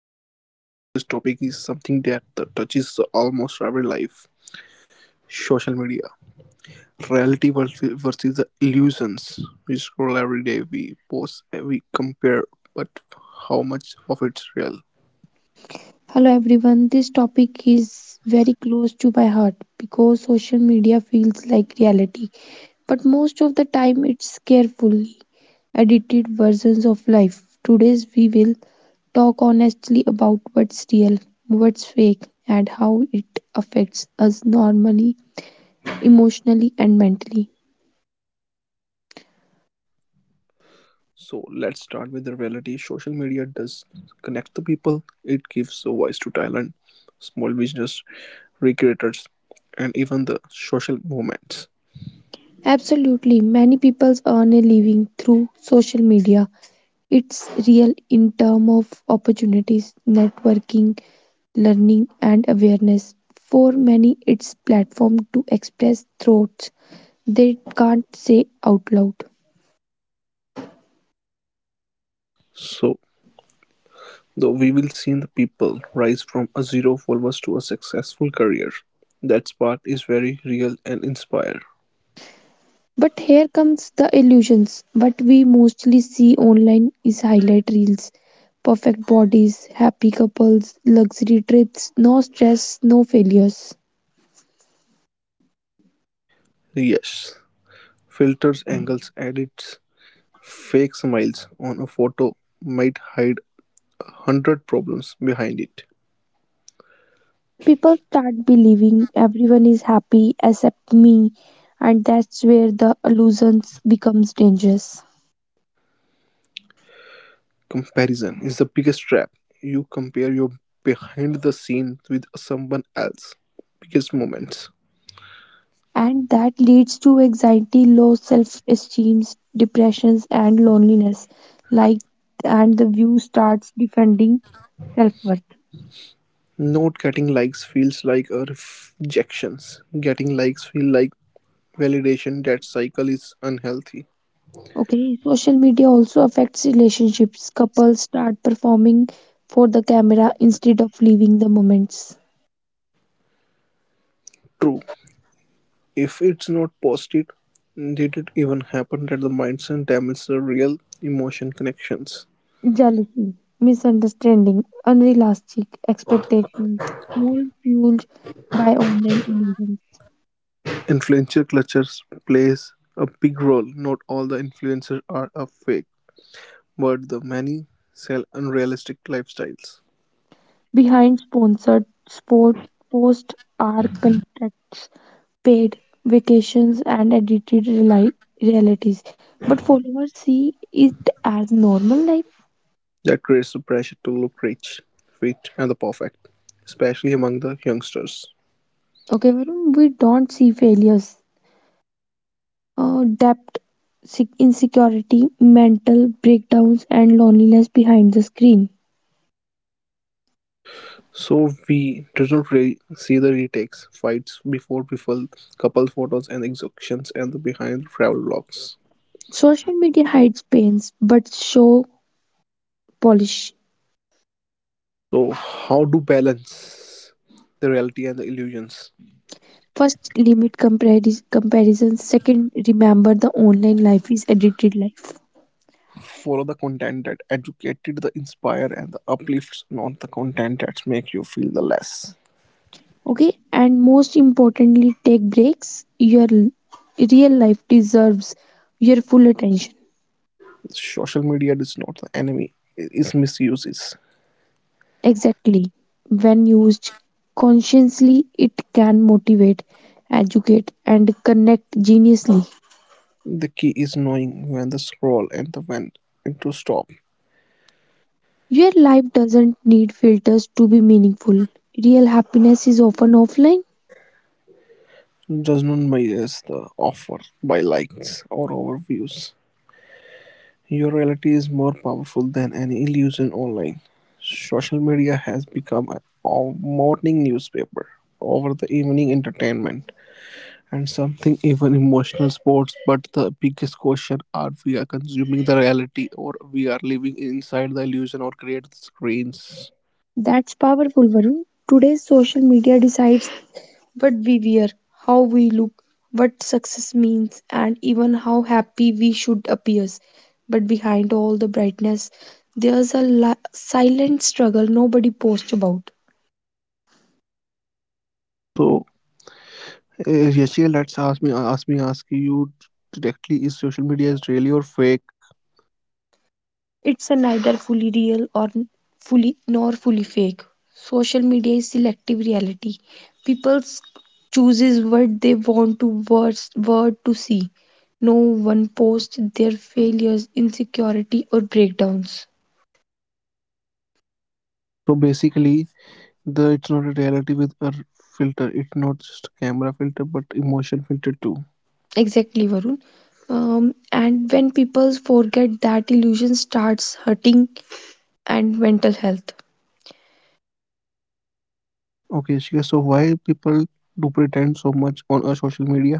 podcast. Today's topic is something that touches almost every life social media. Reality versus the illusions. We scroll every day, we post, we compare, but how much of it's real? Hello everyone, this topic is very close to my heart because social media feels like reality, but most of the time it's carefully edited versions of life. Today's we will talk honestly about what's real, what's fake, and how it affects us normally, emotionally, and mentally. So, let's start with the reality. Social media does connect the people, it gives a voice to talent, small business, recreators, and even the social movements. Absolutely, many people earn a living through social media. It's real in terms of opportunities, networking, learning and awareness. For many, it's platform to express thoughts they can't say out loud. So, though we will see the people rise from a zero followers to a successful career. That part is very real and inspire. But here comes the illusions. What we mostly see online is highlight reels, perfect bodies, happy couples, luxury trips, no stress, no failures. Yes, filters, angles, edits, fake smiles on a photo might hide 100 problems behind it. People start believing everyone is happy except me, and that's where the illusions becomes dangerous. Comparison is the biggest trap. You compare your behind the scenes with someone else. Biggest moments. And that leads to anxiety, low self-esteem, depressions, and loneliness. Like, and the view starts defending self-worth. Not getting likes feels like a rejection. Getting likes feel like validation that cycle is unhealthy. Okay, social media also affects relationships. Couples start performing for the camera instead of living the moments. True. If it's not posted, did it even happen that the mindset damages the real emotion connections? Jealousy, misunderstanding, unrealistic expectations, all fueled by online illusions. Influencer cultures plays a big role. Not all the influencers are a fake, but the many sell unrealistic lifestyles. Behind sponsored sport posts are contracts, paid vacations, and edited realities. But followers see it as normal life. That creates the pressure to look rich, fit, and the perfect, especially among the youngsters. Okay, Varun, we don't see failures, debt, insecurity, mental breakdowns, and loneliness behind the screen. So we did not really see the retakes, fights before people, couple photos and executions and the behind travel logs. Social media hides pains but show polish. So how to balance the reality and the illusions? First, limit comparison. Second, remember the online life is edited life. Follow the content that educated, the inspire and the uplifts, not the content that make you feel the less. Okay, and most importantly take breaks your real life deserves your full attention. Social media is not the enemy; it is misuses. Exactly, when used consciously it can motivate, educate and connect geniusly. The key is knowing when to scroll and the when to stop. Your life doesn't need filters to be meaningful. Real happiness is often offline. Does not measure the offer by likes or overviews. Your reality is more powerful than any illusion online. Social media has become a morning newspaper, over the evening entertainment, and something even emotional sports. But the biggest question are we are consuming the reality or we are living inside the illusion or create screens. That's powerful, Varun. Today's social media decides what we wear, how we look, what success means, and even how happy we should appear. But behind all the brightness, there's a silent struggle nobody posts about. So, Yashi, let's ask you directly: Is social media is real or fake? It's a neither fully real or fully nor fully fake. Social media is selective reality. People s- Chooses what they want to word to see. No one posts their failures, insecurity, or breakdowns. So basically, the it's not a reality with a filter. It's not just camera filter, but emotion filter too. Exactly, Varun. And when people forget that, illusion starts hurting and mental health. Okay, Shika, so why people do pretend so much on our social media?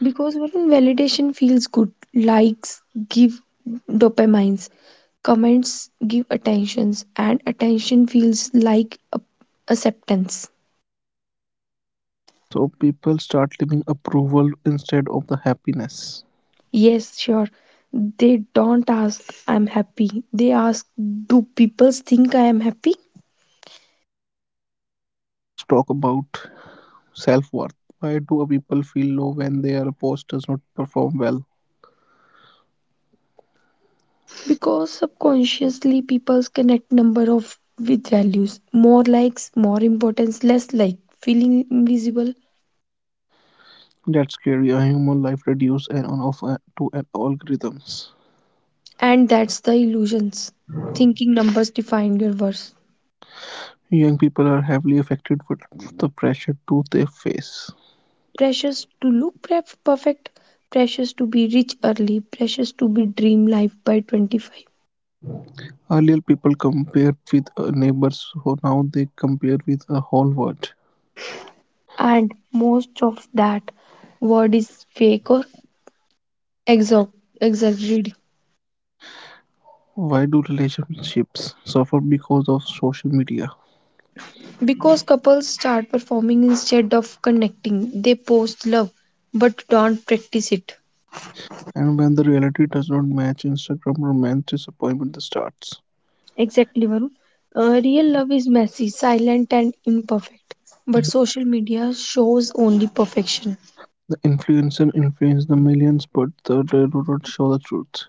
Because, Varun, validation feels good. Likes give dopamines, comments give attentions, and attention feels like acceptance. So people start living approval instead of the happiness. Yes, sure. They don't ask, I'm happy. They ask, do people think I am happy? Let's talk about self worth. Why do people feel low when their post does not perform well? Because subconsciously people connect number of with values, more likes more importance, less like feeling invisible. That's scary. A human life reduced and on off to an algorithms. And that's the illusions, thinking numbers define your worth. Young people are heavily affected with the pressure to they face. Pressures to look perfect, pressures to be rich early, pressures to be dream life by 25. Earlier people compared with neighbors, so now they compare with the whole world. And most of that word is fake or exo- exaggerated. Why do relationships suffer because of social media? Because couples start performing instead of connecting, they post love but don't practice it. And when the reality does not match Instagram romance disappointment starts. Exactly, Varun. Real love is messy, silent, and imperfect, but social media shows only perfection. The influencer influences the millions but the, they do not show the truth.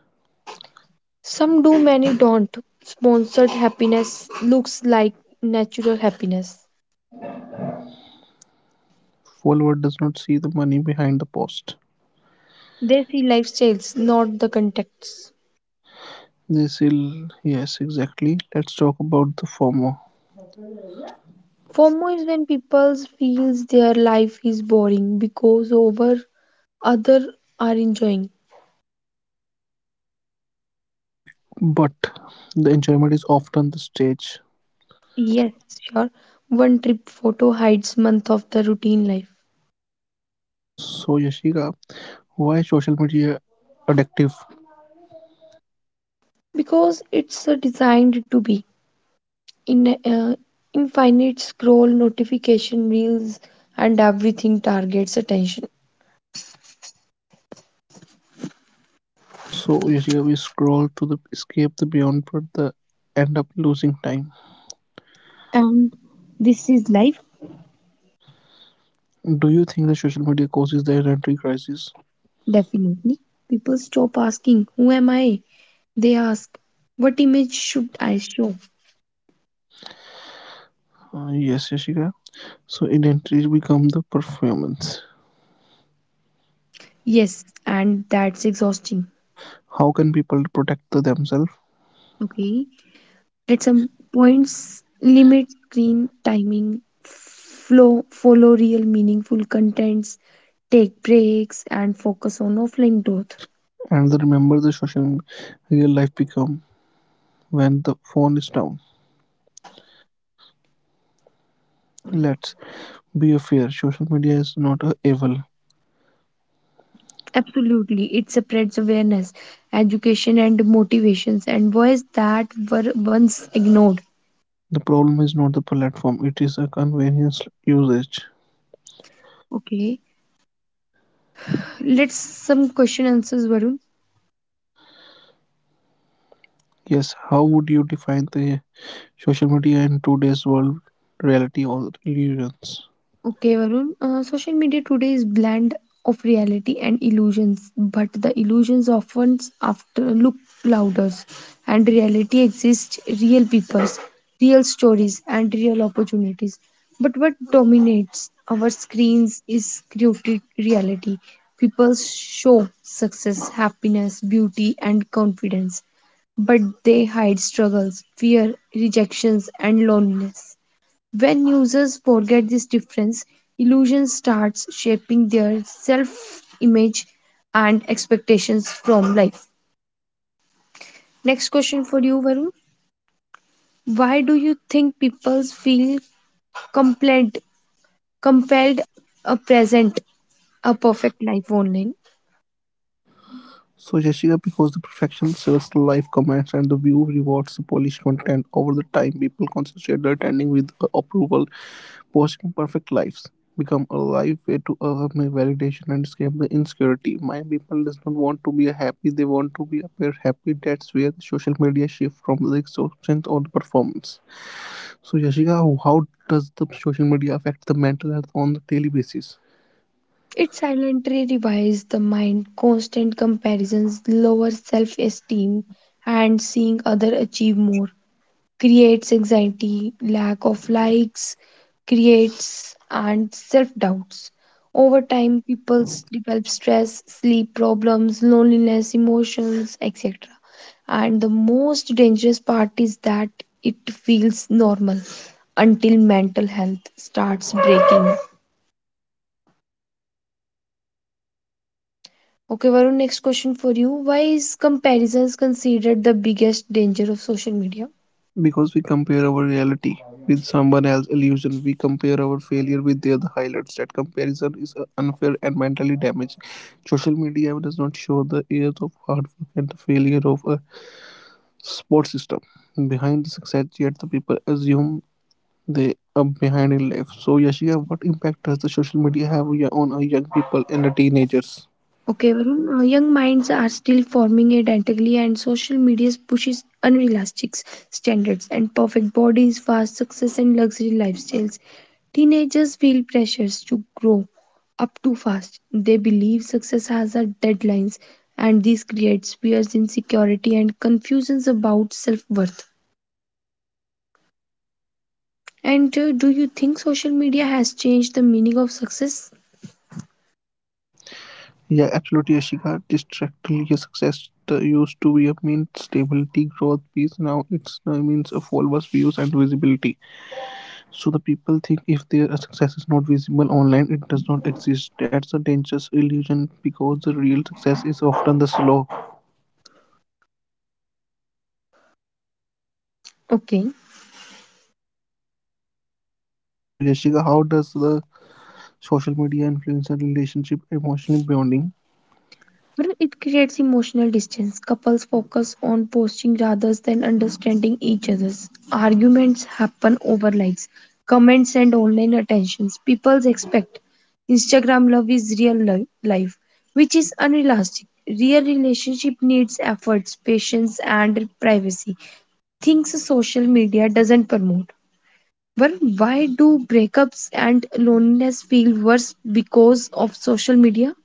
Some do, many don't. Sponsored happiness looks like natural happiness. Follower does not see the money behind the post. They see lifestyles, not the contexts. They say yes exactly. Let's talk about the former. FOMO is when people feels their life is boring because over other are enjoying. But but the enjoyment is often the stage. Yes, sure. One trip photo hides month of the routine life. So Yashika, why is social media addictive? Because it's designed to be in infinite scroll notification reels and everything targets attention. So Yashika, we scroll to the escape the beyond, but the end up losing time. And this is life. Do you think the social media causes the identity crisis? Definitely. People stop asking, who am I? They ask, what image should I show? Yes, Yashika. So identity become the performance. Yes, and that's exhausting. How can people protect the themselves Okay. At some points, limit screen timing, flow, follow real meaningful contents, take breaks, and focus on offline growth. and the remember the social real life become when the phone is down? Let's be a fair. Social media is not a evil. Absolutely, it spreads awareness, education, and motivations, and voice that were once ignored. The problem is not the platform; it is a convenience usage. Okay, let's some question answers, Varun. Yes, how would you define the social media in today's world, reality or illusions? Okay, Varun. Social media today is blend of reality and illusions, but the illusions often after look louder, and reality exists real peoples, real stories, and real opportunities. But what dominates our screens is created reality. People show success, happiness, beauty, and confidence, but they hide struggles, fear, rejections, and loneliness. When users forget this difference, illusion starts shaping their self-image and expectations from life. Next question for you, Varun. Why do you think people feel compelled, compelled a present, a perfect life online? So, Jessica, because the perfection sells life, comments and the view rewards the polished content over the time, people concentrate their attending with approval, posting perfect lives become a life way to earn my validation and escape the insecurity. My people does not want to be happy; they want to be appear happy. That's where the social media shift from the exhaustion or the performance. So, Yashika, how does the social media affect the mental health on the daily basis? It silently revives the mind. Constant comparisons, lower self-esteem, and seeing other achieve more creates anxiety, lack of likes, creates and self doubts. Over time, develop stress, sleep problems, loneliness, emotions, etc. And the most dangerous part is that it feels normal until mental health starts breaking. Okay, Varun, next question for you. Why is comparisons considered the biggest danger of social media? Because we compare our reality with someone else's illusion, we compare our failure with their highlights. That comparison is unfair and mentally damaging. Social media does not show the years of hard work and the failure of a support system behind the success. Yet the people assume they are behind in life. So, Yashika, what impact does the social media have on our young people and the teenagers? Okay, Varun, young minds are still forming identically, and social media pushes unrealistic standards and perfect bodies, fast success, and luxury lifestyles. Teenagers feel pressures to grow up too fast. They believe success has a deadlines, and this creates fears, insecurity, and confusions about self worth. And do you think social media has changed the meaning of success? Yeah, absolutely, Ashika. Distracting your success used to be a mean stability, growth, peace. Now it's means of followers, views, and visibility. So the people think if their success is not visible online, it does not exist. That's a dangerous illusion because the real success is often the slow. Okay. So, Yashika, how does the social media influence a relationship, emotional bonding? But it creates emotional distance. Couples focus on posting rather than understanding each other. Arguments happen over likes, comments, and online attentions. People expect Instagram love is life, which is unrealistic. Real relationship needs efforts, patience, and privacy. Things social media doesn't promote. But why do breakups and loneliness feel worse because of social media?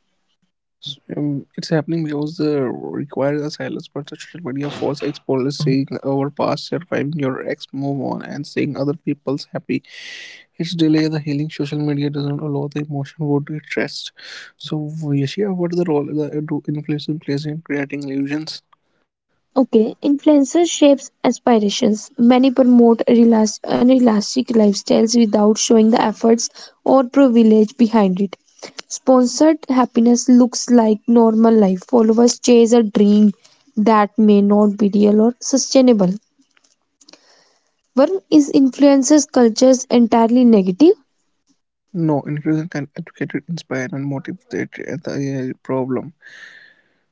So, it's happening because the requires a silence, but the social media force explorers seeing our past, surviving your ex, move on, and seeing other people's happy. It's delay the healing. Social media doesn't allow the emotion would it rest. So, Yashia, what the role the, do influencer plays in creating illusions? Okay, influencer shapes aspirations. Many promote unrealistic lifestyles without showing the efforts or privilege behind it. Sponsored happiness looks like normal life. Followers chase a dream that may not be real or sustainable. Varun, is influencers cultures entirely negative? No, influencer can educate, inspire, and motivate at the problem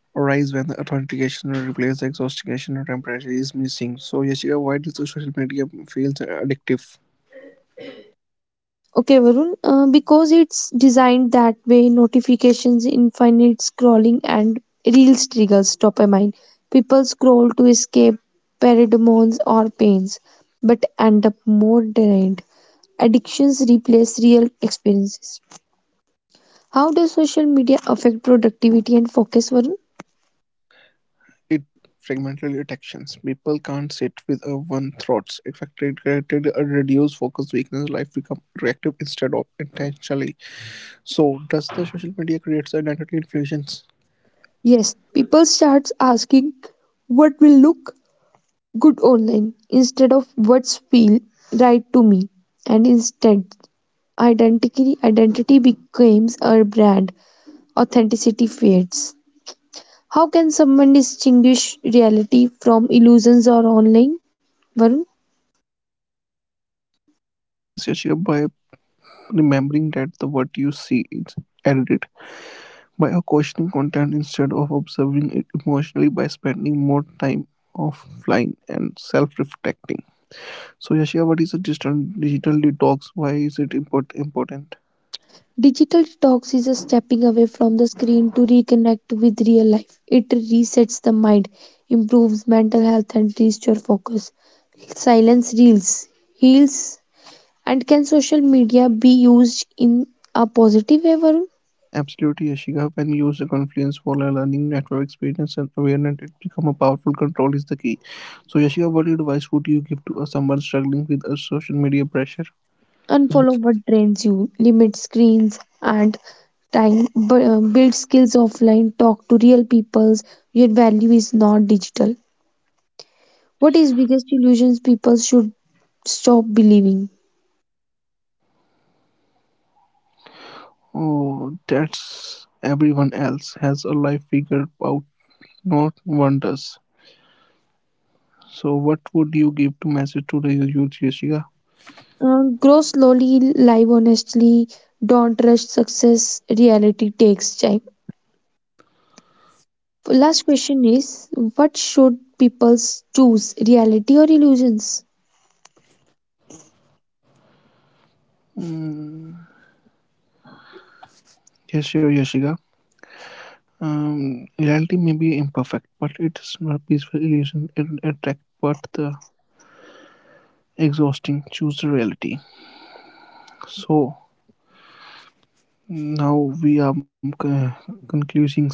arise when the authentication or replace the exhaustion or temperature is missing. So, Yashika, why does the social media feels addictive? Okay, Varun, because it's designed that way, notifications, infinite scrolling, and reels trigger dopamine. People scroll to escape pheromones or pains, but end up more drained. Addictions replace real experiences. How does social media affect productivity and focus, Varun? It fragmented attentions. People can't sit with a one thoughts. Affected created a reduced focus weakness. Life become reactive instead of intentionally. So does the social media creates identity infusions? Yes, people starts asking what will look good online instead of what's feel right to me, and instead identity becomes our brand, authenticity fades. How can someone distinguish reality from illusions or online? Varun, Yes, Yashika, by remembering that the what you see is edited, by a questioning content instead of observing it emotionally, by spending more time offline and self-reflecting. So Yashika, what is a digital detox? Why is it important? digital detox is a stepping away from the screen to reconnect with real life. It resets the mind, improves mental health, and restores focus. Silence reels, heals, and can social media be used in a positive way, Varun? Absolutely, Yashika. When you use the Confluence for a learning network experience and awareness, it become a powerful control is the key. So, Yashika, what advice would you give to someone struggling with a social media pressure? Unfollow what drains you, limit screens and time, build skills offline, talk to real people. Your value is not digital. What is biggest illusions people should stop believing? Oh, that's everyone else has a life figured out, not one does. So, what would you give to message to the youth, Yashika? Grow slowly, live honestly, don't rush success. Reality takes time. Last question is, what should people choose, reality or illusions? Mm, yes, sure, Yashika. Reality may be imperfect, but it is not a peaceful illusion. It attract, but the exhausting. Choose the reality. So now we are c- concluding some.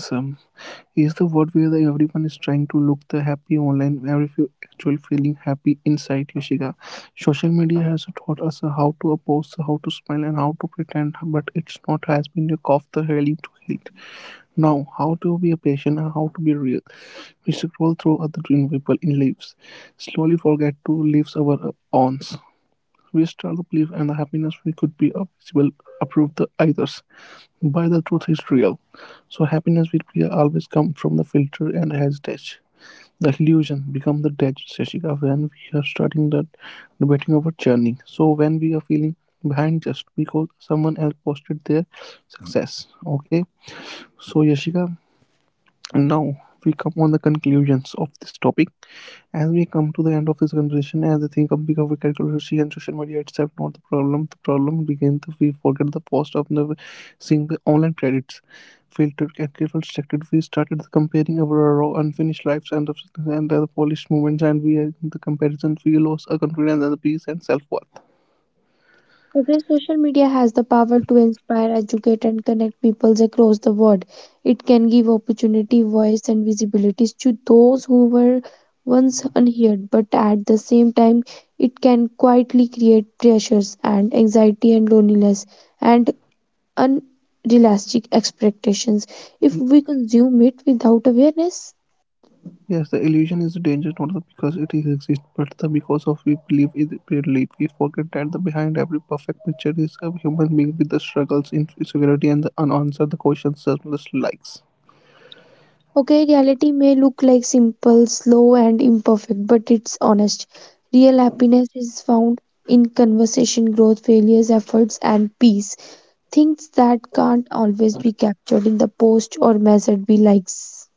Is the world where the everyone is trying to look the happy online, where if you actually feeling happy inside, Yoshika. Social media has taught us how to oppose, how to smile, and how to pretend, but it's not has been a cough the healing to heat. Now, how to be a patient and how to be real. We scroll through other dream people in leaves, slowly forget to leaves our awns. We start the belief and the happiness we could be a visible approve the others. By the truth is real. So happiness will be always come from the filter and has heritage. The illusion become the dead Shashika when we are starting the debating our journey. So when we are feeling behind just because someone else posted their success. Okay. So Yashika, now we come on the conclusions of this topic. As we come to the end of this conversation, as I think of big of controversy and social media itself not the problem. The problem begins if we forget the cost of never seeing the online credits. Filtered and careful selected, we started comparing our raw unfinished lives and the polished moments, and we in the comparison we lost our confidence and the peace and self worth. Every social media has the power to inspire, educate, and connect people across the world. It can give opportunity, voice, and visibility to those who were once unheard, but at the same time, it can quietly create pressures and anxiety and loneliness and unrealistic expectations if we consume it without awareness. Yes, the illusion is dangerous not the because it exists, but the because of we believe it believe. We forget that the behind every perfect picture is a human being with the struggles, insecurity, and the unanswered the questions selfless likes. Okay, reality may look like simple, slow, and imperfect, but it's honest. Real happiness is found in conversation, growth, failures, efforts, and peace. Things that can't always be captured in the post or measured by likes.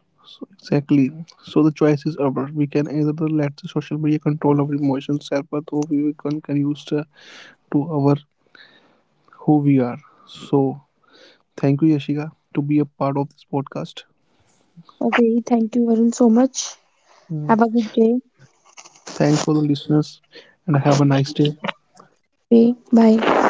So exactly. So the choice is ours. We can either let the social media control our emotions, self-worth, or we can use the, to our who we are. So thank you, Yashika, to be a part of this podcast. Okay, thank you, Varun, so much. Mm. Have a good day. Thanks for the listeners, and have a nice day. Okay, bye.